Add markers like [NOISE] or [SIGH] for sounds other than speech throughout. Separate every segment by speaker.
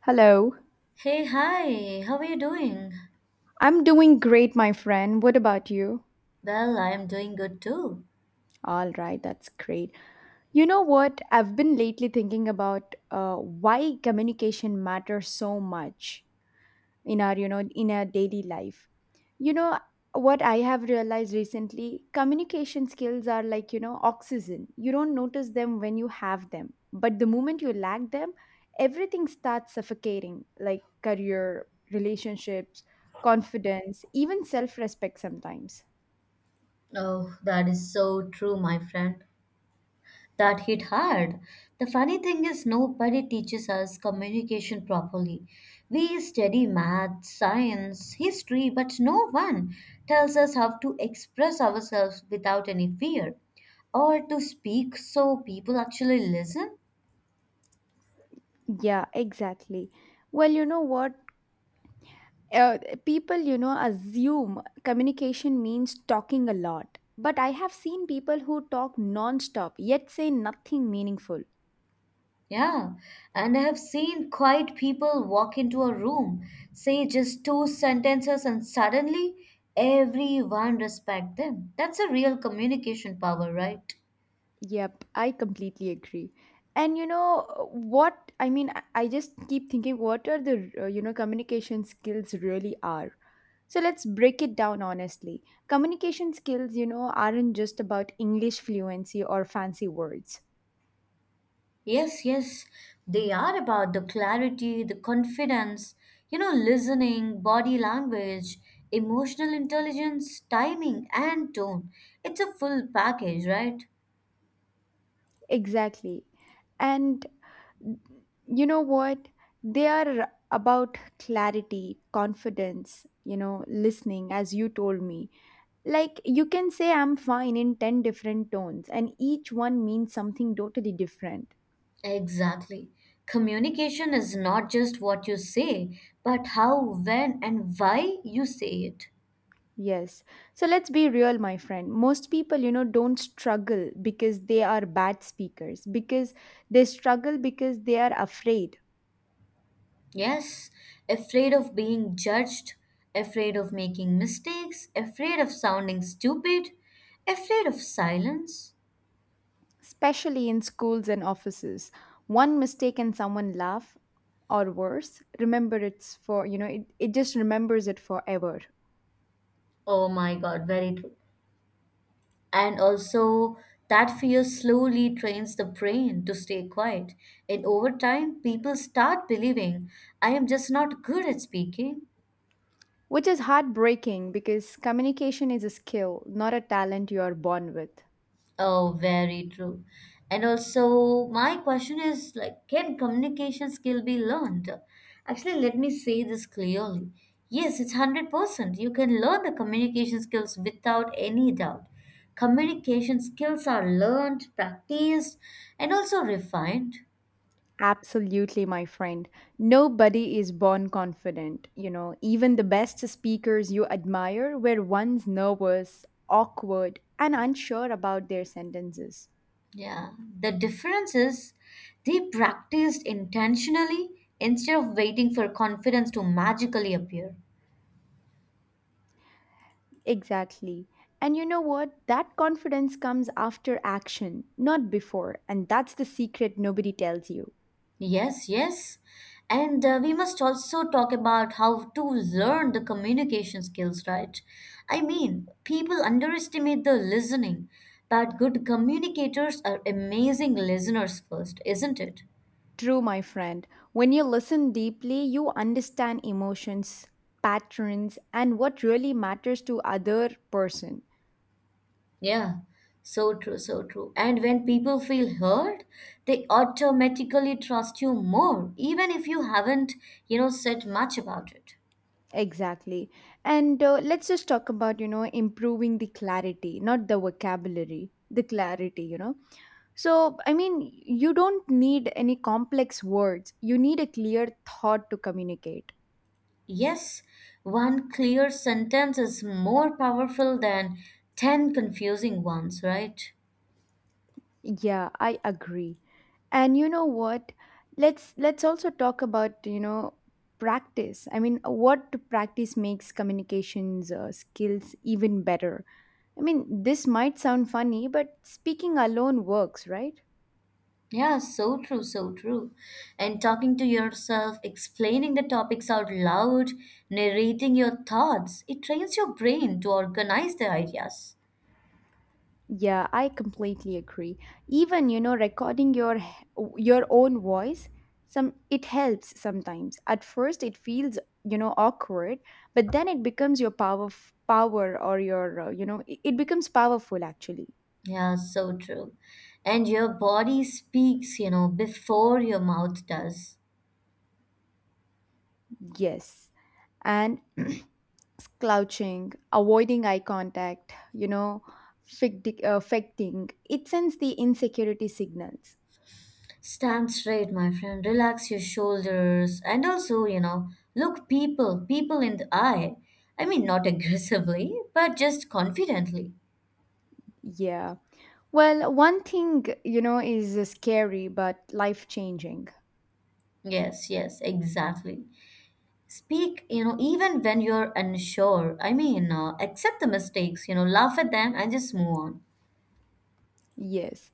Speaker 1: Hello.
Speaker 2: Hey, hi, how are you doing?
Speaker 1: I'm doing great, my friend. What about you?
Speaker 2: Well, I am doing good too.
Speaker 1: All right, that's great. You know what? I've been lately thinking about why communication matters so much in our daily life. You know what I have realized recently? Communication skills are like, oxygen. You don't notice them when you have them, but the moment you lack them, everything starts suffocating, like career, relationships, confidence, even self-respect sometimes.
Speaker 2: Oh, that is so true, my friend. That hit hard. The funny thing is, nobody teaches us communication properly. We study math, science, history, but no one tells us how to express ourselves without any fear or to speak so people actually listen.
Speaker 1: Yeah, exactly. Well, you know what? Uh, People, assume communication means talking a lot. But I have seen people who talk nonstop yet say nothing meaningful.
Speaker 2: Yeah, and I have seen quiet people walk into a room, say just two sentences, and suddenly everyone respect them. That's a real communication power, right?
Speaker 1: Yep, I completely agree. And you know what? I mean, I just keep thinking what are the, communication skills really are. So let's break it down honestly. Communication skills, aren't just about English fluency or fancy words.
Speaker 2: Yes, yes, they are about the clarity, the confidence, you know, listening, body language, emotional intelligence, timing, and tone. It's a full package, right?
Speaker 1: Exactly. And you know what? They are about clarity, confidence, listening, as you told me. Like, you can say I'm fine in 10 different tones, and each one means something totally different.
Speaker 2: Exactly. Communication is not just what you say, but how, when, and why you say it.
Speaker 1: Yes. So let's be real, my friend. Most people, don't struggle because they are bad speakers, because they struggle because they are afraid,
Speaker 2: Yes, afraid of being judged, afraid of making mistakes, afraid of sounding stupid, afraid of silence.
Speaker 1: especially in schools and offices. One mistake and someone laugh, or worse, remember it's for, it just remembers it forever.
Speaker 2: Oh my god, very true. And also, that fear slowly trains the brain to stay quiet. And over time, people start believing I am just not good at speaking.
Speaker 1: Which is heartbreaking because communication is a skill, not a talent you are born with.
Speaker 2: Oh, very true. And also, my question is like, can communication skill be learned? Actually, let me say this clearly. Yes, it's 100%. You can learn the communication skills without any doubt. Communication skills are learned, practiced, and also refined.
Speaker 1: Absolutely, my friend. Nobody is born confident. Even the best speakers you admire were once nervous, awkward, and unsure about their sentences.
Speaker 2: Yeah. The difference is they practiced intentionally instead of waiting for confidence to magically appear.
Speaker 1: Exactly. And you know what? That confidence comes after action, not before. And that's the secret nobody tells you.
Speaker 2: Yes, yes. And we must also talk about how to learn the communication skills, right? I mean, people underestimate the listening, but good communicators are amazing listeners first, isn't it?
Speaker 1: True, my friend. When you listen deeply, you understand emotions, patterns, and what really matters to other person.
Speaker 2: Yeah, so true, so true. And when people feel heard, they automatically trust you more, even if you haven't, said much about it.
Speaker 1: Exactly. And let's just talk about, improving the clarity, not the vocabulary, the clarity. So, I mean, you don't need any complex words. You need a clear thought to communicate.
Speaker 2: Yes, one clear sentence is more powerful than 10 confusing ones, right?
Speaker 1: Yeah, I agree. And you know what? Let's also talk about, practice. I mean, what practice makes communications skills even better. I mean, this might sound funny, but speaking alone works, right?
Speaker 2: Yeah, so true, so true. And talking to yourself, explaining the topics out loud, narrating your thoughts, it trains your brain to organize the ideas.
Speaker 1: Yeah, I completely agree. Even recording your your own voice, some, it helps sometimes. At first it feels awkward, but then it becomes your power or your it becomes powerful actually.
Speaker 2: Yeah, so true. And your body speaks, you know, before your mouth does.
Speaker 1: Yes. And [CLEARS THROAT] slouching, avoiding eye contact, affecting, it sends the insecurity signals.
Speaker 2: Stand straight, my friend. Relax your shoulders. And also, you know, look people in the eye. I mean, not [LAUGHS] aggressively, but just confidently.
Speaker 1: Yeah. Well, one thing, is scary but life changing.
Speaker 2: Yes, yes, exactly. Speak, you know, even when you're unsure. I mean, accept the mistakes, you know, laugh at them and just move on.
Speaker 1: Yes.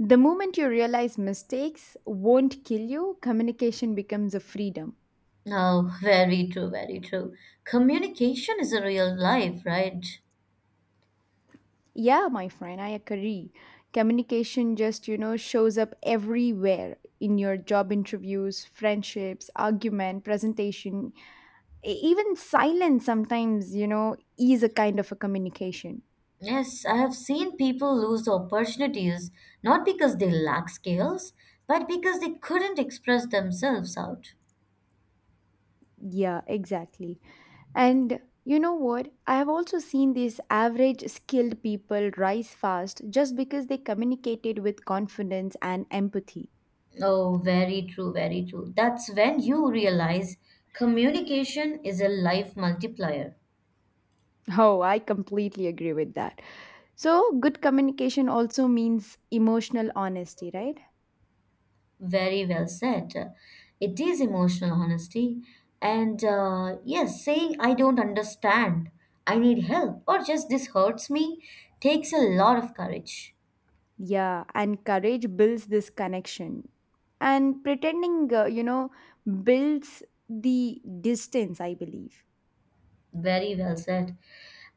Speaker 1: The moment you realize mistakes won't kill you, communication becomes a freedom.
Speaker 2: Oh, [LAUGHS] very true, very true. Communication is a real life, right?
Speaker 1: Yeah, my friend, I agree. Communication just, shows up everywhere in your job interviews, friendships, argument, presentation, even silence sometimes, is a kind of a communication.
Speaker 2: Yes, I have seen people lose opportunities not because they lack skills, but because they couldn't express themselves out.
Speaker 1: Yeah, exactly. And you know what? I have also seen these average skilled people rise fast just because they communicated with confidence and empathy. [LAUGHS]
Speaker 2: Oh, very true, very true. That's when you realize communication is a life multiplier.
Speaker 1: Oh, I completely agree with that. So, good communication also means emotional honesty, right?
Speaker 2: Very well said. It is emotional honesty. And yes, saying I don't understand, I need help, or just this hurts me takes a lot of courage.
Speaker 1: Yeah, and courage builds this connection. And pretending, builds the distance, I believe.
Speaker 2: Very well said.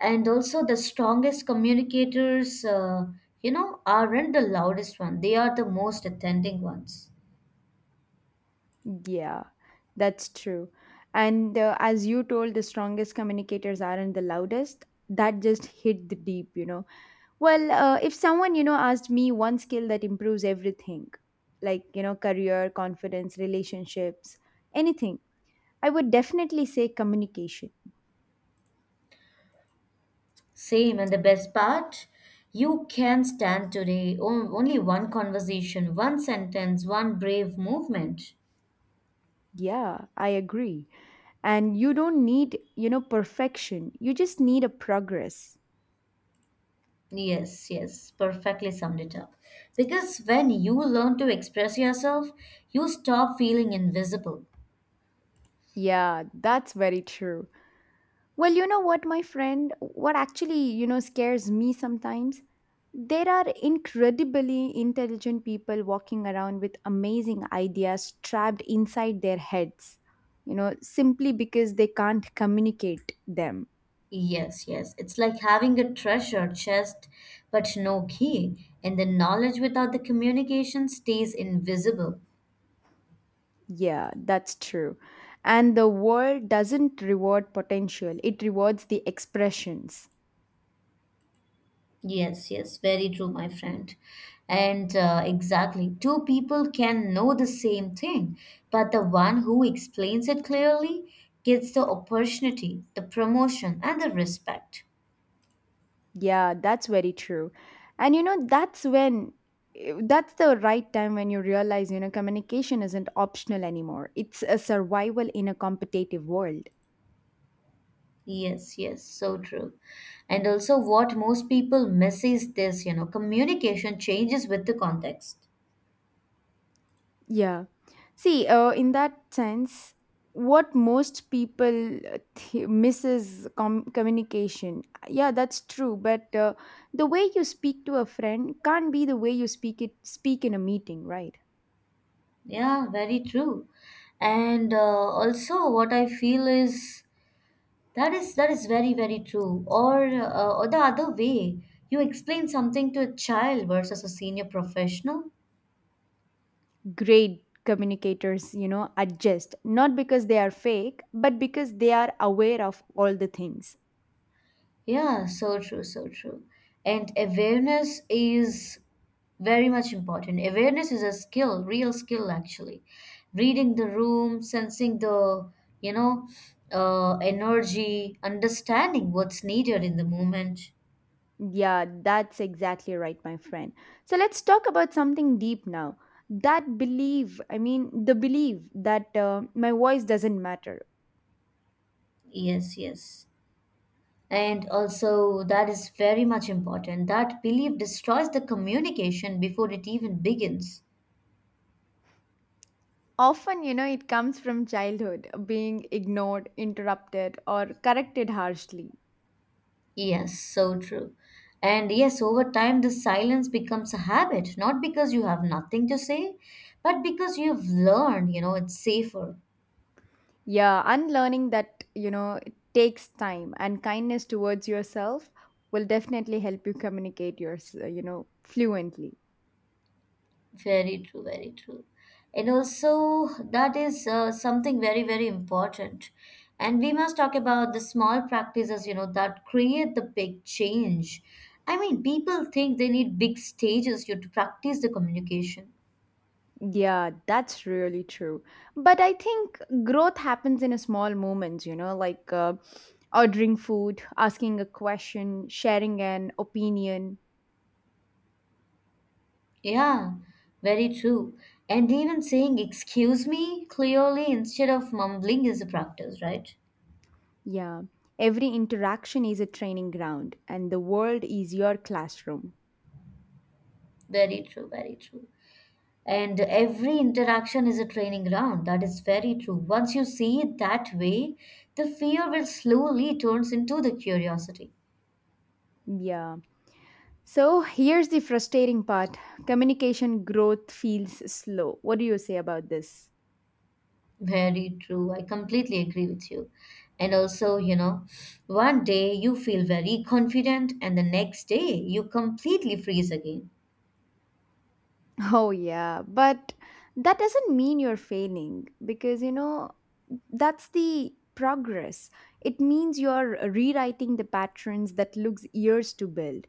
Speaker 2: And also, the strongest communicators, you know, aren't the loudest one. They are the most attending ones.
Speaker 1: Yeah, that's true. And as you told, the strongest communicators aren't the loudest. That just hit the deep. Well, if someone, asked me one skill that improves everything, like, career, confidence, relationships, anything, I would definitely say communication.
Speaker 2: Same, and the best part, you can stand today only one conversation, one sentence, one brave movement.
Speaker 1: Yeah, I agree. And you don't need, perfection. You just need a progress.
Speaker 2: Yes, yes, perfectly summed it up. Because when you learn to express yourself, you stop feeling invisible.
Speaker 1: Yeah, that's very true. Well, you know what, my friend, what actually, scares me sometimes? There are incredibly intelligent people walking around with amazing ideas trapped inside their heads, simply because they can't communicate them.
Speaker 2: Yes, yes. It's like having a treasure chest but no key, and the knowledge without the communication stays invisible.
Speaker 1: Yeah, that's true. And the world doesn't reward potential, it rewards the expressions.
Speaker 2: Yes, yes, very true, my friend. And exactly, two people can know the same thing, but the one who explains it clearly gets the opportunity, the promotion, and the respect.
Speaker 1: Yeah, that's very true. And that's the right time when you realize, communication isn't optional anymore. It's a survival in a competitive world.
Speaker 2: Yes, yes, so true. And also, what most people miss is this, you know, communication changes with the context.
Speaker 1: Yeah. See, in that sense, what most people misses communication. Yeah, that's true. But the way you speak to a friend can't be the way you speak in a meeting, right?
Speaker 2: Yeah, very true. And also, what I feel is that is very very true. Or the other way, you explain something to a child versus a senior professional.
Speaker 1: Great communicators, adjust not because they are fake, but because they are aware of all the things.
Speaker 2: Yeah, so true, so true. And awareness is very much important. Awareness is a skill, real skill actually. Reading the room, sensing the you know energy, understanding what's needed in the moment.
Speaker 1: Yeah, that's exactly right, my friend. So let's talk about something deep now. That belief, I mean, the belief that my voice doesn't matter.
Speaker 2: Yes, yes. And also, that is very much important. That belief destroys the communication before it even begins.
Speaker 1: Often, it comes from childhood, being ignored, interrupted, or corrected harshly.
Speaker 2: Yes, so true. And yes, over time, the silence becomes a habit, not because you have nothing to say, but because you've learned, you know, it's safer.
Speaker 1: Yeah, unlearning that, it takes time and kindness towards yourself, will definitely help you communicate your, fluently.
Speaker 2: Very true, very true. And also, that is something very, very important. And we must talk about the small practices, you know, that create the big change. I mean, people think they need big stages you know, to practice the communication.
Speaker 1: Yeah, that's really true. But I think growth happens in a small moments, like ordering food, asking a question, sharing an opinion.
Speaker 2: Yeah, very true. And even saying excuse me clearly instead of mumbling is a practice, right?
Speaker 1: Yeah, every interaction is a training ground and the world is your classroom.
Speaker 2: Very true, very true. And every interaction is a training ground. That is very true. Once you see it that way, the fear will slowly turns into the curiosity.
Speaker 1: Yeah. So here's the frustrating part: communication growth feels slow. What do you say about this?
Speaker 2: Very true. I completely agree with you. And also, you know, one day you feel very confident, and the next day you completely freeze again.
Speaker 1: Oh, yeah, but that doesn't mean you're failing because that's the progress. It means you're rewriting the patterns that looks years to build.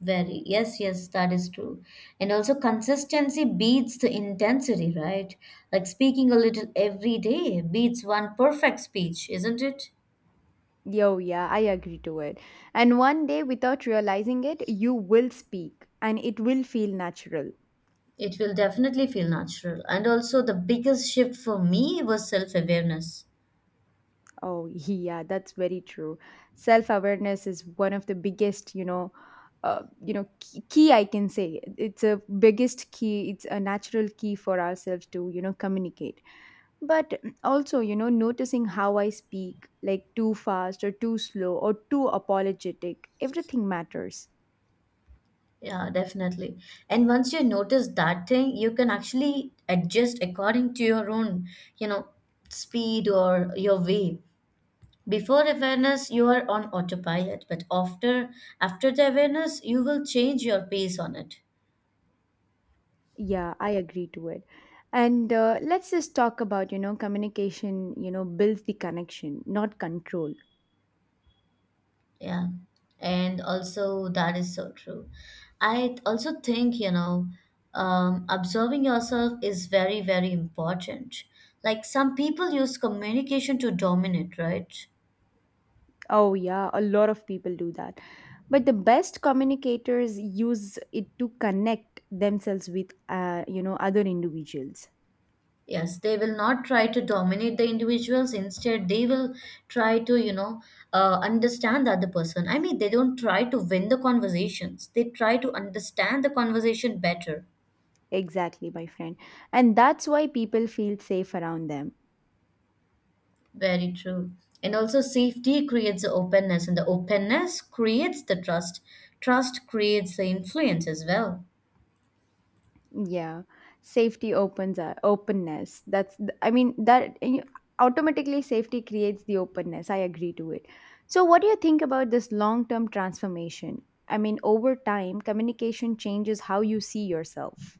Speaker 2: Very, yes, yes, that is true. And also, consistency beats the intensity, right? Like speaking a little every day beats one perfect speech, isn't it?
Speaker 1: Yo, yeah, I agree to it. And one day, without realizing it, you will speak and it will feel natural.
Speaker 2: It will definitely feel natural. And also, the biggest shift for me was self awareness.
Speaker 1: Oh, [LAUGHS] yeah, that's very true. Self-awareness is one of the biggest, key I can say. It's a biggest key. It's a natural key for ourselves to, communicate. But also, noticing how I speak, like too fast or too slow or too apologetic, everything matters.
Speaker 2: Yeah, definitely. And once you notice that thing, you can actually adjust according to your own, you know, speed or your way. Before awareness, you are on autopilot, but after the awareness, you will change your pace on it.
Speaker 1: Yeah, I agree to it. And let's just talk about, communication, builds the connection, not control.
Speaker 2: Yeah, and also that is so true. I also think, you know, observing yourself is very, very important. Like some people use communication to dominate, right?
Speaker 1: Oh, yeah, a lot of people do that. But the best communicators use it to connect themselves with, other individuals.
Speaker 2: Yes, they will not try to dominate the individuals. Instead, they will try to, you know, understand the other person. I mean, they don't try to win the conversations, they try to understand the conversation better.
Speaker 1: Exactly, my friend. And that's why people feel safe around them.
Speaker 2: Very true. And also, safety creates the openness, and the openness creates the trust. Trust creates the influence as well.
Speaker 1: Yeah, safety opens openness. That's I mean that automatically safety creates the openness. I agree to it. So, what do you think about this long-term transformation? I mean, over time, communication changes how you see yourself.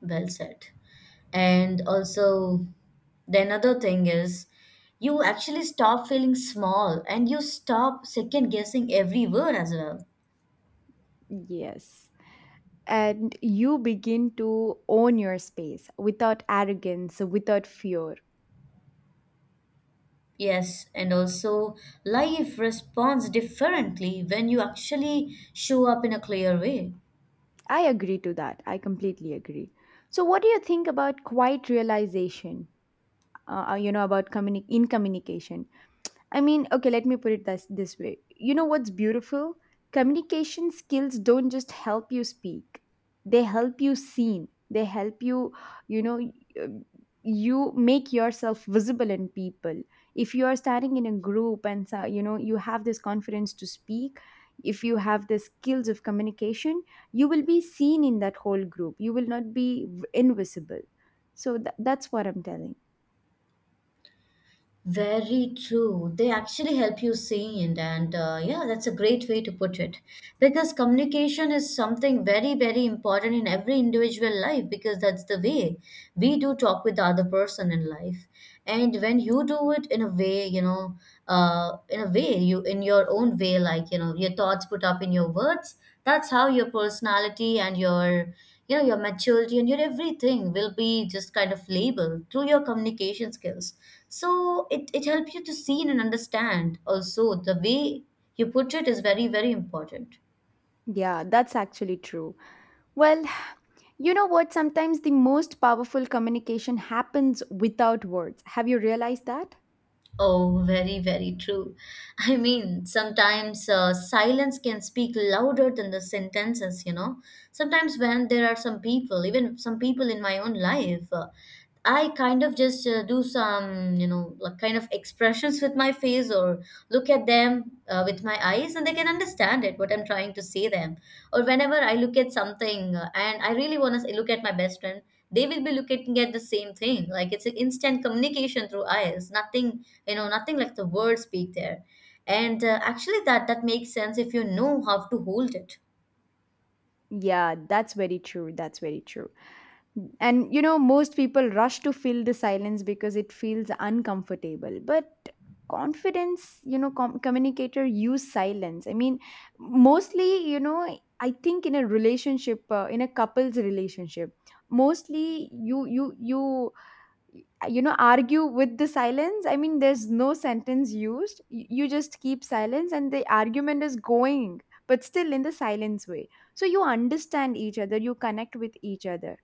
Speaker 2: Well said. And also, the another thing is you actually stop feeling small and you stop second guessing every word as well.
Speaker 1: Yes. And you begin to own your space without arrogance, without fear.
Speaker 2: Yes, and also life responds differently when you actually show up in a clear way.
Speaker 1: I agree to that. I completely agree. So, what do you think about quiet realization? You know about in communication. I mean, okay, let me put it this way. You know what's beautiful? Communication skills don't just help you speak. They help you seen. They help you, you know, y- you make yourself visible in people. If you are standing in a group and you know you have this confidence to speak, if you have the skills of communication, you will be seen in that whole group. You will not be invisible. So that's what I'm telling.
Speaker 2: Very true. They actually help you see it, and yeah, that's a great way to put it. Because communication is something very, very important in every individual life, because that's the way we do talk with the other person in life. And when you do it in a way, you know, in a way, you in your own way, like, you know, your thoughts put up in your words, that's how your personality and your you know your maturity and your everything will be just kind of labeled through your communication skills so it helps you to see and understand also the way you put it is very very important.
Speaker 1: Yeah, that's actually true. Well, you know what? Sometimes the most powerful communication happens without words. Have you realized that?
Speaker 2: Oh, very very true. [LAUGHS] I mean sometimes silence can speak louder than the sentences, you know, sometimes when there are some people even some people in my own life I kind of just do some, you know, like kind of expressions with my face or look at them with my eyes and they can understand it, what I'm trying to say them. Or whenever I look at something and I really want to look at my best friend, they will be looking at the same thing. Like it's an instant communication through eyes, nothing, you know, nothing like the words speak there. And actually that makes sense if you know how to hold it.
Speaker 1: Yeah, that's very true. That's very true. And most people rush to fill the silence because it feels uncomfortable. But confidence, communicator use silence. I mean, mostly, I think in a relationship, in a couple's relationship, mostly you you you you know argue with the silence. I mean, there's no sentence used. You just keep silence and the argument is going, but still in the silence way. So you understand each other, you connect with each other.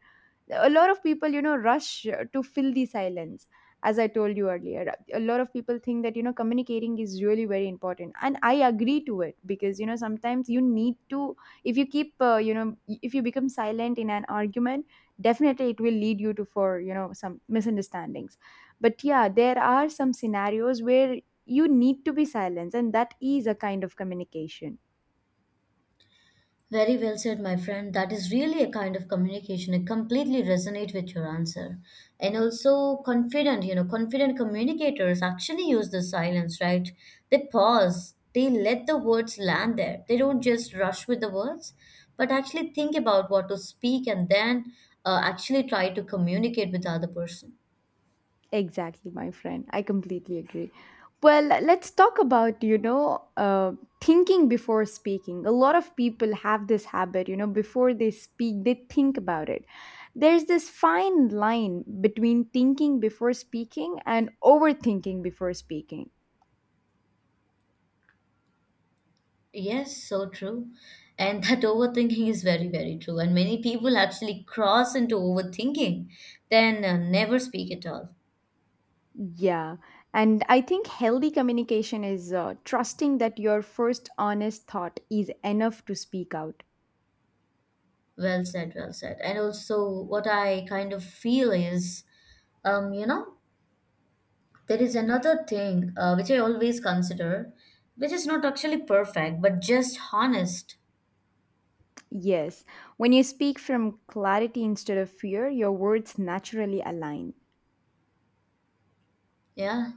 Speaker 1: A lot of people, rush to fill the silence, as I told you earlier. A lot of people think that communicating is really very important, and I agree to it because sometimes you need to. If you keep if you become silent in an argument, definitely it will lead you to for some misunderstandings. But yeah, there are some scenarios where you need to be silent, and that is a kind of communication.
Speaker 2: Very well said, my friend. That is really a kind of communication. I completely resonate with your answer. And also confident, you know, confident communicators actually use the silence, right? They pause, they let the words land there. They don't just rush with the words, but actually think about what to speak and then actually try to communicate with the other person.
Speaker 1: Exactly, my friend. I completely agree. Well, let's talk about, thinking before speaking. A lot of people have this habit, before they speak, they think about it. There's this fine line between thinking before speaking and overthinking before speaking.
Speaker 2: Yes, so true. And that [LAUGHS] overthinking is very, very true. And many people actually cross into overthinking, then never speak at all.
Speaker 1: Yeah. And I think healthy communication is trusting that your first honest thought is enough to speak out.
Speaker 2: Well said, well said. And also, what I kind of feel is, you know, there is another thing which I always consider, which is not actually perfect, but just honest.
Speaker 1: Yes, when you speak from clarity instead of fear, your words naturally align.
Speaker 2: Yeah,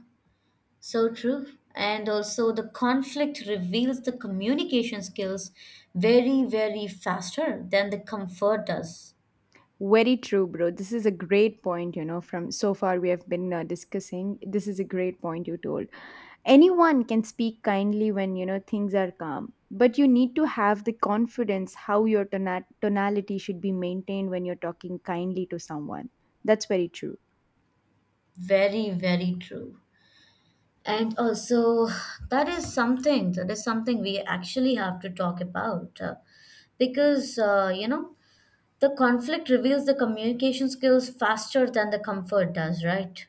Speaker 2: so true. And also, the conflict reveals the communication skills very, very faster than the comfort does.
Speaker 1: Very true, bro. This is a great point, from so far we have been discussing. This is a great point you told. Anyone can speak kindly when, things are calm, but you need to have the confidence how your tonality should be maintained when you're talking kindly to someone. That's very true.
Speaker 2: Very, very true. And also, that is something we actually have to talk about because, you know, the conflict reveals the communication skills faster than the comfort does, right?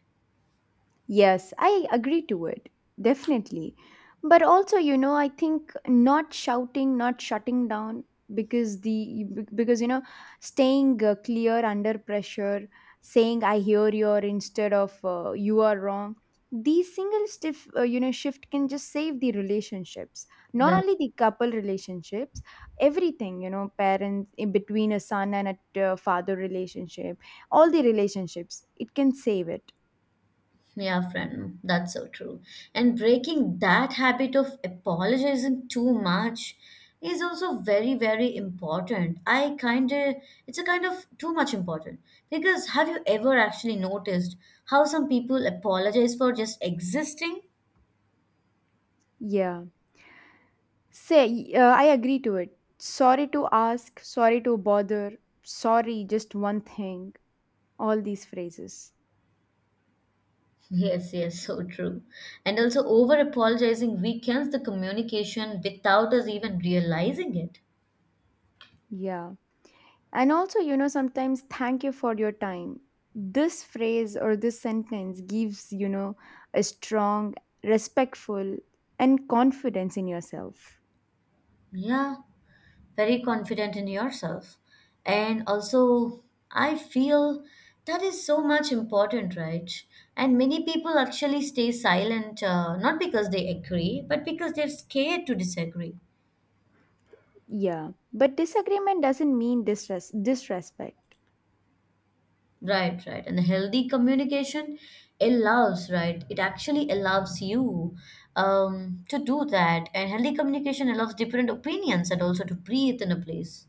Speaker 1: Yes, I agree to it. Definitely. But also, I think not shouting, not shutting down because the because staying clear under pressure, saying I hear you or instead of you are wrong. These single stiff, shift can just save the relationships. Not
Speaker 2: The,
Speaker 1: only the couple relationships, everything, parents in between a son and a father relationship, all the relationships, it can save it.
Speaker 2: yeah, friend, that's so true. And breaking that habit of apologizing too much is also very, very important. I kind of, it's a kind of too much important because have you ever actually noticed how some people apologize for just existing?
Speaker 1: Yeah. Say, I agree to it. Sorry to ask, sorry to bother, sorry, just one thing. All these phrases.
Speaker 2: Yes, yes, so true. And also, over apologizing weakens the communication without us even realizing it.
Speaker 1: Yeah. And also, sometimes thank you for your time. This phrase or this sentence gives, a strong, respectful, and confidence in yourself.
Speaker 2: Yeah, very confident in yourself. And also, I feel that is so much important, right? And many people actually stay silent, not because they agree, but because they're scared to disagree.
Speaker 1: Yeah. But disagreement doesn't mean distress disrespect.
Speaker 2: Right, right. And healthy communication allows, right? It actually allows you to do that. And healthy communication allows different opinions and also to breathe in a place.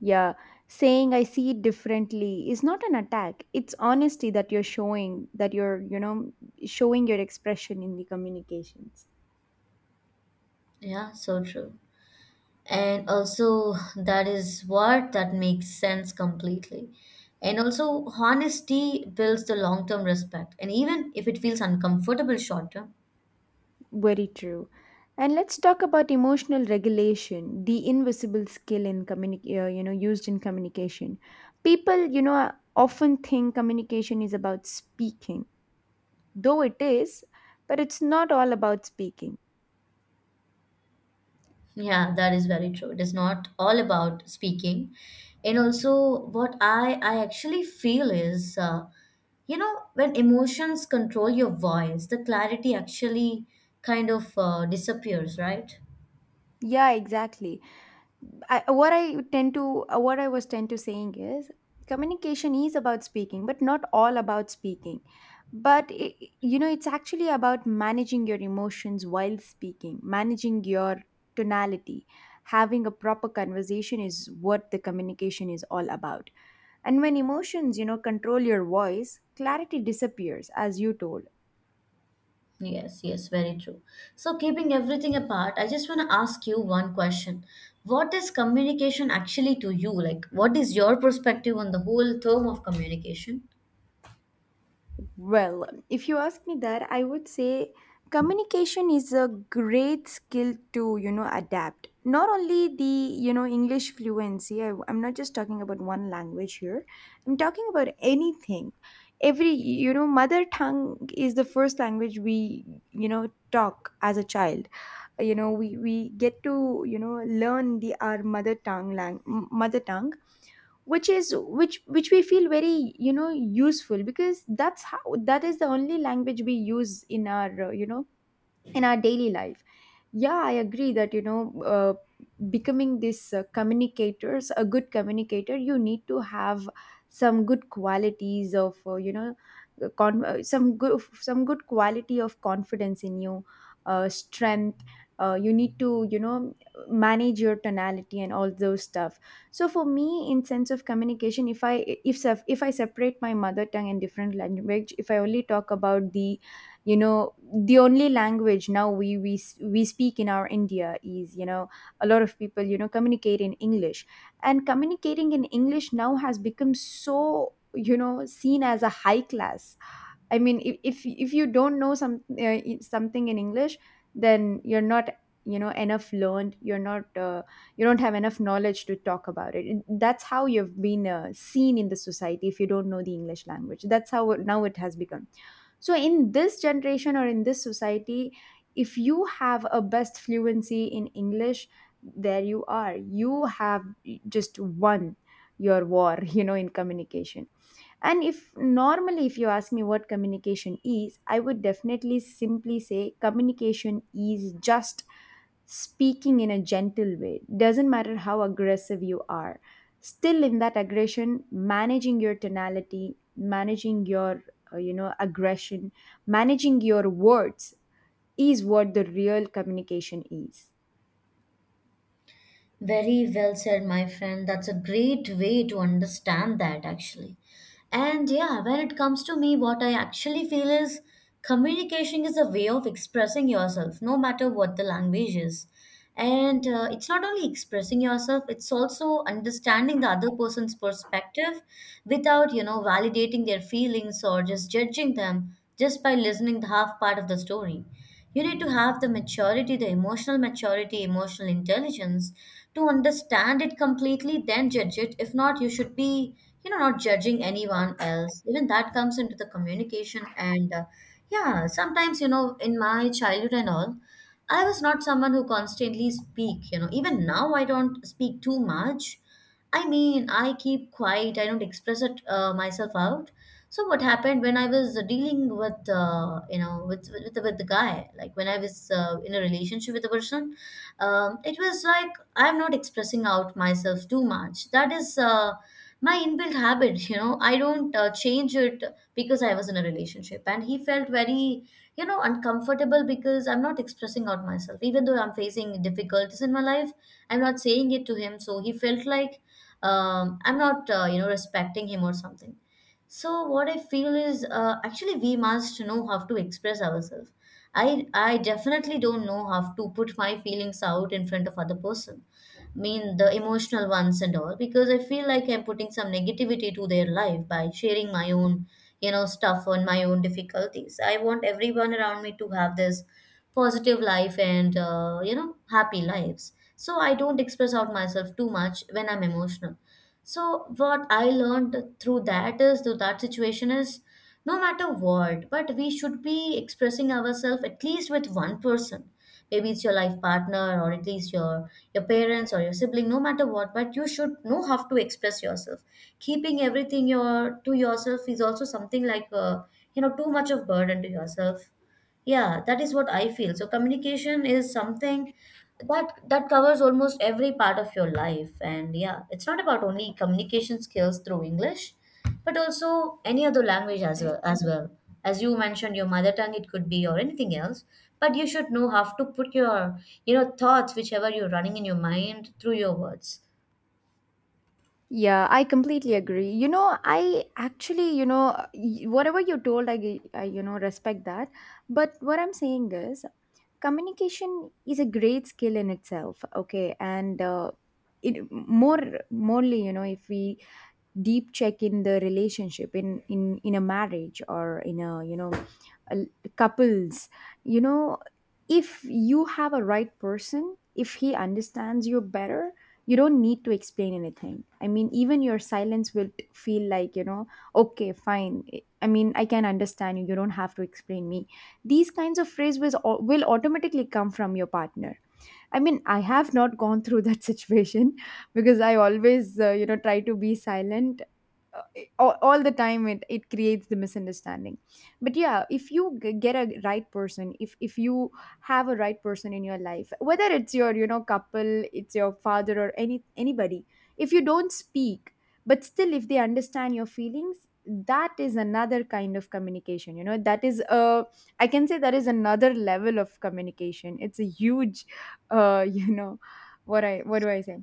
Speaker 1: Yeah, saying I see it differently is not an attack. It's honesty that you're showing, that you're, showing your expression in the communications.
Speaker 2: Yeah, so true. And also, that is what that makes sense completely. And also, honesty builds the long term respect. And even if it feels uncomfortable short term.
Speaker 1: Very true. And let's talk about emotional regulation, the invisible skill in used in communication. People, often think communication is about speaking, though it is, but it's not all about speaking.
Speaker 2: Yeah, that is very true. It is not all about speaking. And also, what I actually feel is, you know, when emotions control your voice, the clarity actually kind of disappears, right?
Speaker 1: Yeah, exactly. I, what I tend to What I was tend to saying is communication is about speaking, but not all about speaking. But it's actually about managing your emotions while speaking, managing your tonality. Having a proper conversation is what the communication is all about. And when emotions, control your voice, clarity disappears, as you told.
Speaker 2: Yes, yes, very true. So, keeping everything apart, I just want to ask you one question. What is communication actually to you? Like, what is your perspective on the whole term of communication?
Speaker 1: Well, if you ask me that, I would say communication is a great skill to, adapt. Not only the, English fluency. I'm not just talking about one language here, I'm talking about anything. Every, mother tongue is the first language we, talk as a child. We get to, learn the our mother tongue lang- mother tongue which is which we feel very, useful, because that is the only language we use in our daily life. Yeah, I agree that, uh, becoming this uh, communicators a good communicator, you need to have some good qualities of, uh, con- uh, some good some good quality of confidence in you, strength. You need to, manage your tonality and all those stuff. So for me, in sense of communication, if I separate my mother tongue and different language, if I only talk about the you know the only language now, we speak in our India is, a lot of people, communicate in English. And communicating in English now has become so, seen as a high class. I mean, if you don't know some, something in English, then you're not, enough learned. You don't have enough knowledge to talk about it. That's how you've been, seen in the society. If you don't know the English language, that's how now it has become. So in this generation or in this society, if you have a best fluency in English, there you are, you have just won your war. [LAUGHS] In communication. And, if normally, if you ask me what communication is, I would definitely simply say communication is just speaking in a gentle way. Doesn't matter how aggressive you are, still in that aggression, managing your tonality, managing your, aggression, managing your words is what the real communication is.
Speaker 2: Very well said, my friend. That's a great way to understand that, actually. And yeah, when it comes to me, what I actually feel is communication is a way of expressing yourself, no matter what the language is. And it's not only expressing yourself, it's also understanding the other person's perspective without, you know, validating their feelings or just judging them just by listening the half part of the story. You need to have the maturity, the emotional maturity, emotional intelligence to understand it completely, then judge it. If not, you should be, you know, not judging anyone else. Even that comes into the communication. And yeah, sometimes, you know, in my childhood and all, I was not someone who constantly speak, you know. Even now, I don't speak too much. I mean, I keep quiet. I don't express it myself out. So what happened when I was dealing with, you know, with the guy, like when I was in a relationship with a person, it was like I'm not expressing out myself too much. That is my inbuilt habit, [LAUGHS] you know. I don't change it because I was in a relationship, and he felt very, you know, uncomfortable because I'm not expressing out myself, even though I'm facing difficulties in my life. I'm not saying it to him, so he felt like I'm not, you know, respecting him or something. So what I feel is actually we must know how to express ourselves. I definitely don't know how to put my feelings out in front of other person. I mean the emotional ones and all because I feel like I'm putting some negativity to their life by sharing my own, you know, stuff on my own difficulties. I want everyone around me to have this positive life and you know happy lives. So I don't express out myself too much when I'm emotional. So what I learned through that is through that situation is no matter what, but we should be expressing ourselves at least with one person. Maybe it's your life partner or at least your parents or your sibling, no matter what, but you should know how to express yourself. Keeping everything your to yourself is also something like you know too much of burden to yourself. Yeah, that is what I feel. So communication is something that covers almost every part of your life. And yeah, it's not about only communication skills through English, but also any other language as well as well. As you mentioned, your mother tongue, it could be or anything else. But you should know how to put your, you know, thoughts, whichever you're running in your mind, through your words.
Speaker 1: Yeah, I completely agree. I actually, whatever you told, I respect that. But what I'm saying is, communication is a great skill in itself. Okay, and, it, morely, if we deep check in the relationship, in a marriage or in a, a, couples, you know, if you have a right person, if he understands you better, you don't need to explain anything. I mean, even your silence will, feel like, okay, fine. I mean, I can understand you. You don't have to explain me. These kinds of phrases will, automatically come from your partner. I mean, I have not gone through that [LAUGHS] situation because I always, try to be silent, all the time it creates the misunderstanding. But yeah, if you get a right person, if you have a right person in your life, whether it's your, couple, it's your father or anybody, if you don't speak but still if they understand your feelings, that is another kind of communication, that is a I can say that is another level of communication. It's a huge, uh [LAUGHS] you know what do I say,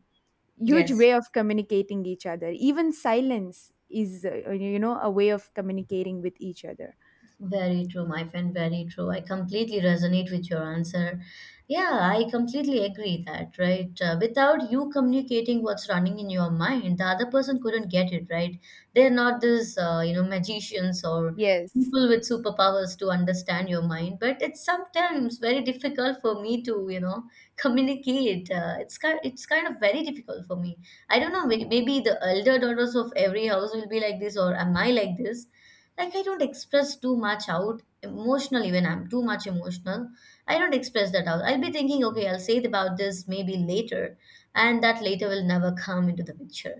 Speaker 1: huge
Speaker 2: Yes.
Speaker 1: way of communicating each other. Even silence is, a way of communicating with each other.
Speaker 2: Very true, my friend. Very true. I completely resonate with your answer. Yeah, I completely agree that, right? Without you communicating what's running in your mind, the other person couldn't get it, right? They're not this, you know, magicians or
Speaker 1: Yes.
Speaker 2: people with superpowers to understand your mind, but it's sometimes very difficult for me to, you know, [LAUGHS] communicate. It's kind of very difficult for me. I don't know. Maybe the elder daughters of every house will be like this, or am I like this? Like, I don't express too much out emotional, even I'm too much emotional. I don't express that out. I'll be thinking, okay, I'll say it about this maybe later, and that later will never come into the picture.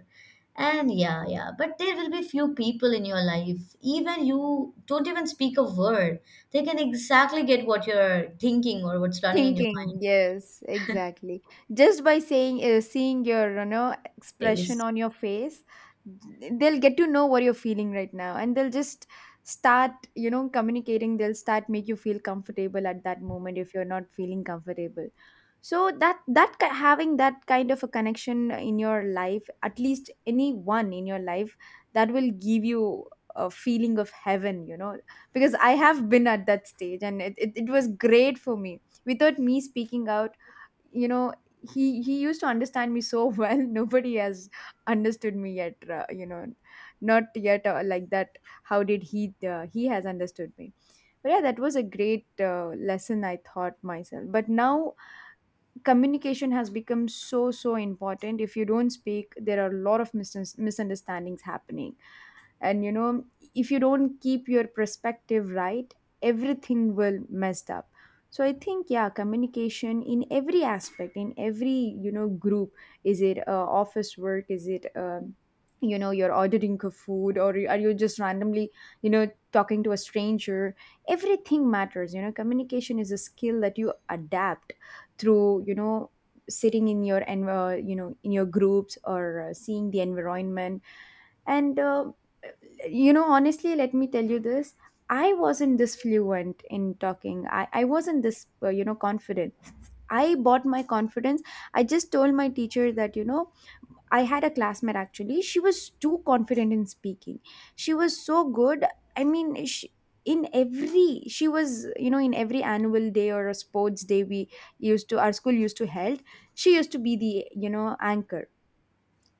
Speaker 2: And yeah, yeah, but there will be few people in your life, even you don't even speak a word, they can exactly get what you're thinking or what's running in your
Speaker 1: Thinking. Yes, exactly. Just by, saying seeing your, expression
Speaker 2: mind.
Speaker 1: on your face, they'll get to know what you're feeling right now, and they'll just start, communicating. They'll start make you feel comfortable at that moment if you're not feeling comfortable. So having that kind of a connection in your life, at least anyone in your life, that will give you a feeling of heaven, because I have been at that stage, and it was great for me. Without me speaking out, you know he used to understand me so well. [LAUGHS] Nobody has understood me yet, not yet, like that. How did he He has understood me. But yeah, that was a great, lesson I thought myself. But now, communication has become so important if you don't speak, there are a lot of misunderstandings happening and, if you don't keep your perspective right, everything will messed up. So I think, yeah, communication in every aspect, in every, group, is it, office work, is it, you're ordering a food, or are you just randomly, you know talking to a stranger, everything matters. Communication is a skill that you adapt through, sitting in your, in your groups, or, seeing the environment. And, honestly let me tell you this. I wasn't this fluent in talking. I wasn't this, confident. I bought my confidence. I just told my teacher that, I had a classmate. Actually, she was too confident in speaking. She was so good. I mean, she was, in every annual day or a sports day we, used to our school used to held. She used to be the, anchor.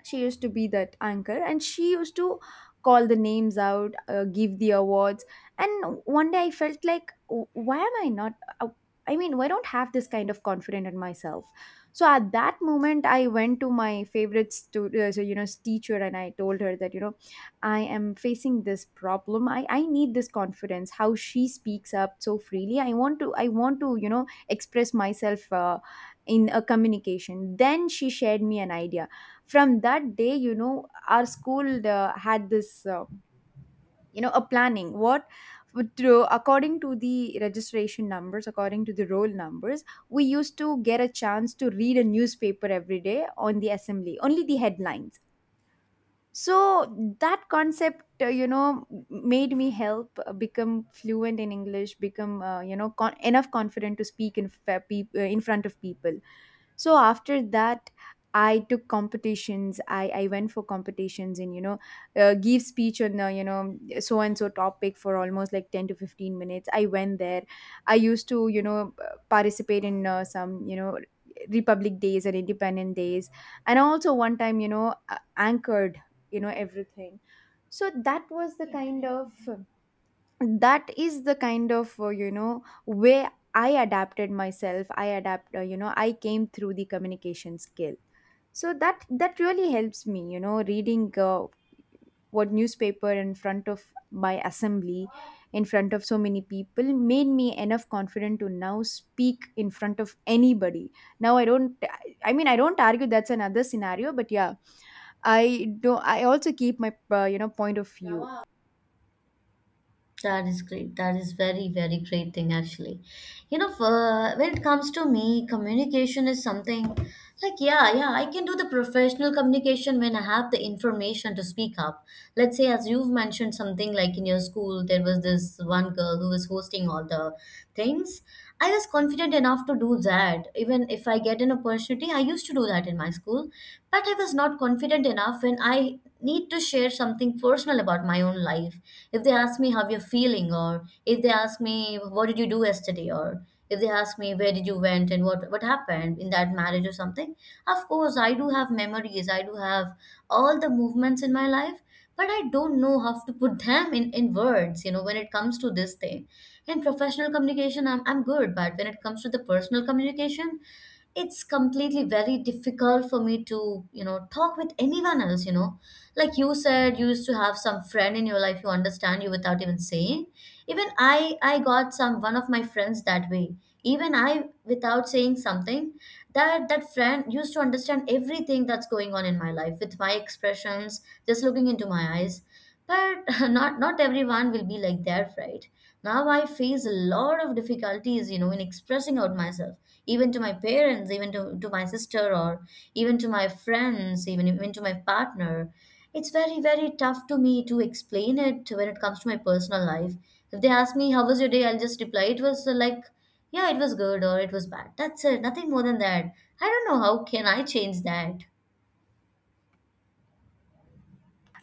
Speaker 1: She used to be that anchor, and she used to call the names out, give the awards. And one day I felt like, why am I not, uh, I mean, why don't have this kind of confidence in myself? So at that moment, I went to my favorite, teacher, and I told her that, I am facing this problem. I need this confidence. How she speaks up so freely, I want to, express myself, in a communication. Then she shared me an idea. From that day, our school, had this, a planning. According to the roll numbers, we used to get a chance to read a newspaper every day on the assembly, only the headlines. So that concept, made me help, become fluent in English, become, enough confident to speak in, in front of people. So after that, I took competitions. I went for competitions, and, give speech on, so and so topic for almost like 10 to 15 minutes. I went there. I used to, participate in, some, republic days and independent days. And also, one time, anchored, everything. So that is the kind of, way I adapted myself. I adapt you know I came through the communication skill. So that really helps me, reading, what newspaper in front of my assembly, in front of so many people, made me enough confident to now speak in front of anybody. Now I don't, I mean, I don't argue. That's another scenario. But yeah, I do, I also keep my, point of view.
Speaker 2: That is great. That is very, very great thing actually. You know, for, when it comes to me, communication is something like, yeah, yeah, I can do the professional communication when I have the information to speak up. Let's say, as you've mentioned something like in your school, there was this one girl who was hosting all the things. I was confident enough to do that. Even if I get an opportunity, I used to do that in my school. But I was not confident enough when I need to share something personal about my own life. If they ask me how you're feeling, or if they ask me what did you do yesterday, or if they ask me where did you went and what happened in that marriage or something, of course I do have memories. I do have all the movements in my life, but I don't know how to put them in words, you know, when it comes to this thing. In professional communication, I'm good, but when it comes to the personal communication, it's completely very difficult for me to, you know, talk with anyone else, you know. Like you said, you used to have some friend in your life you understand you without even saying. Even I got some one of my friends that way. Even I, without saying something, that friend used to understand everything that's going on in my life with my expressions, just looking into my eyes. But [LAUGHS] not everyone will be like that, right? Now I face a lot of difficulties, you know, in expressing out myself, even to my parents, even to my sister, or even to my friends, even to my partner. It's very, very tough to me to explain it when it comes to my personal life. If they ask me, how was your day? I'll just reply, it was like, yeah, it was good or it was bad. That's it. Nothing more than that. I don't know how can I change that.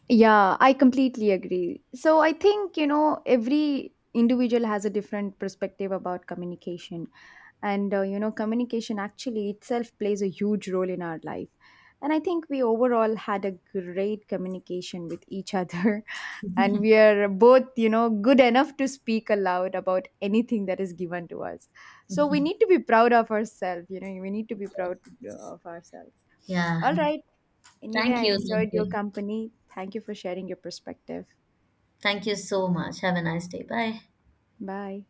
Speaker 1: Yeah, I completely agree. So I think, every individual has a different perspective about communication. And, communication actually itself plays a huge role in our life. And I think we overall had a great communication with each other. [LAUGHS] And we are both, good enough to speak aloud about anything that is given to us. So we need to be proud of ourselves, we need to be proud, of ourselves.
Speaker 2: Yeah.
Speaker 1: All right. Anyway,
Speaker 2: Thank
Speaker 1: I
Speaker 2: you. Thank
Speaker 1: enjoyed your
Speaker 2: you.
Speaker 1: company. Thank you for sharing your perspective.
Speaker 2: Thank you so much. Have a nice day. Bye.
Speaker 1: Bye.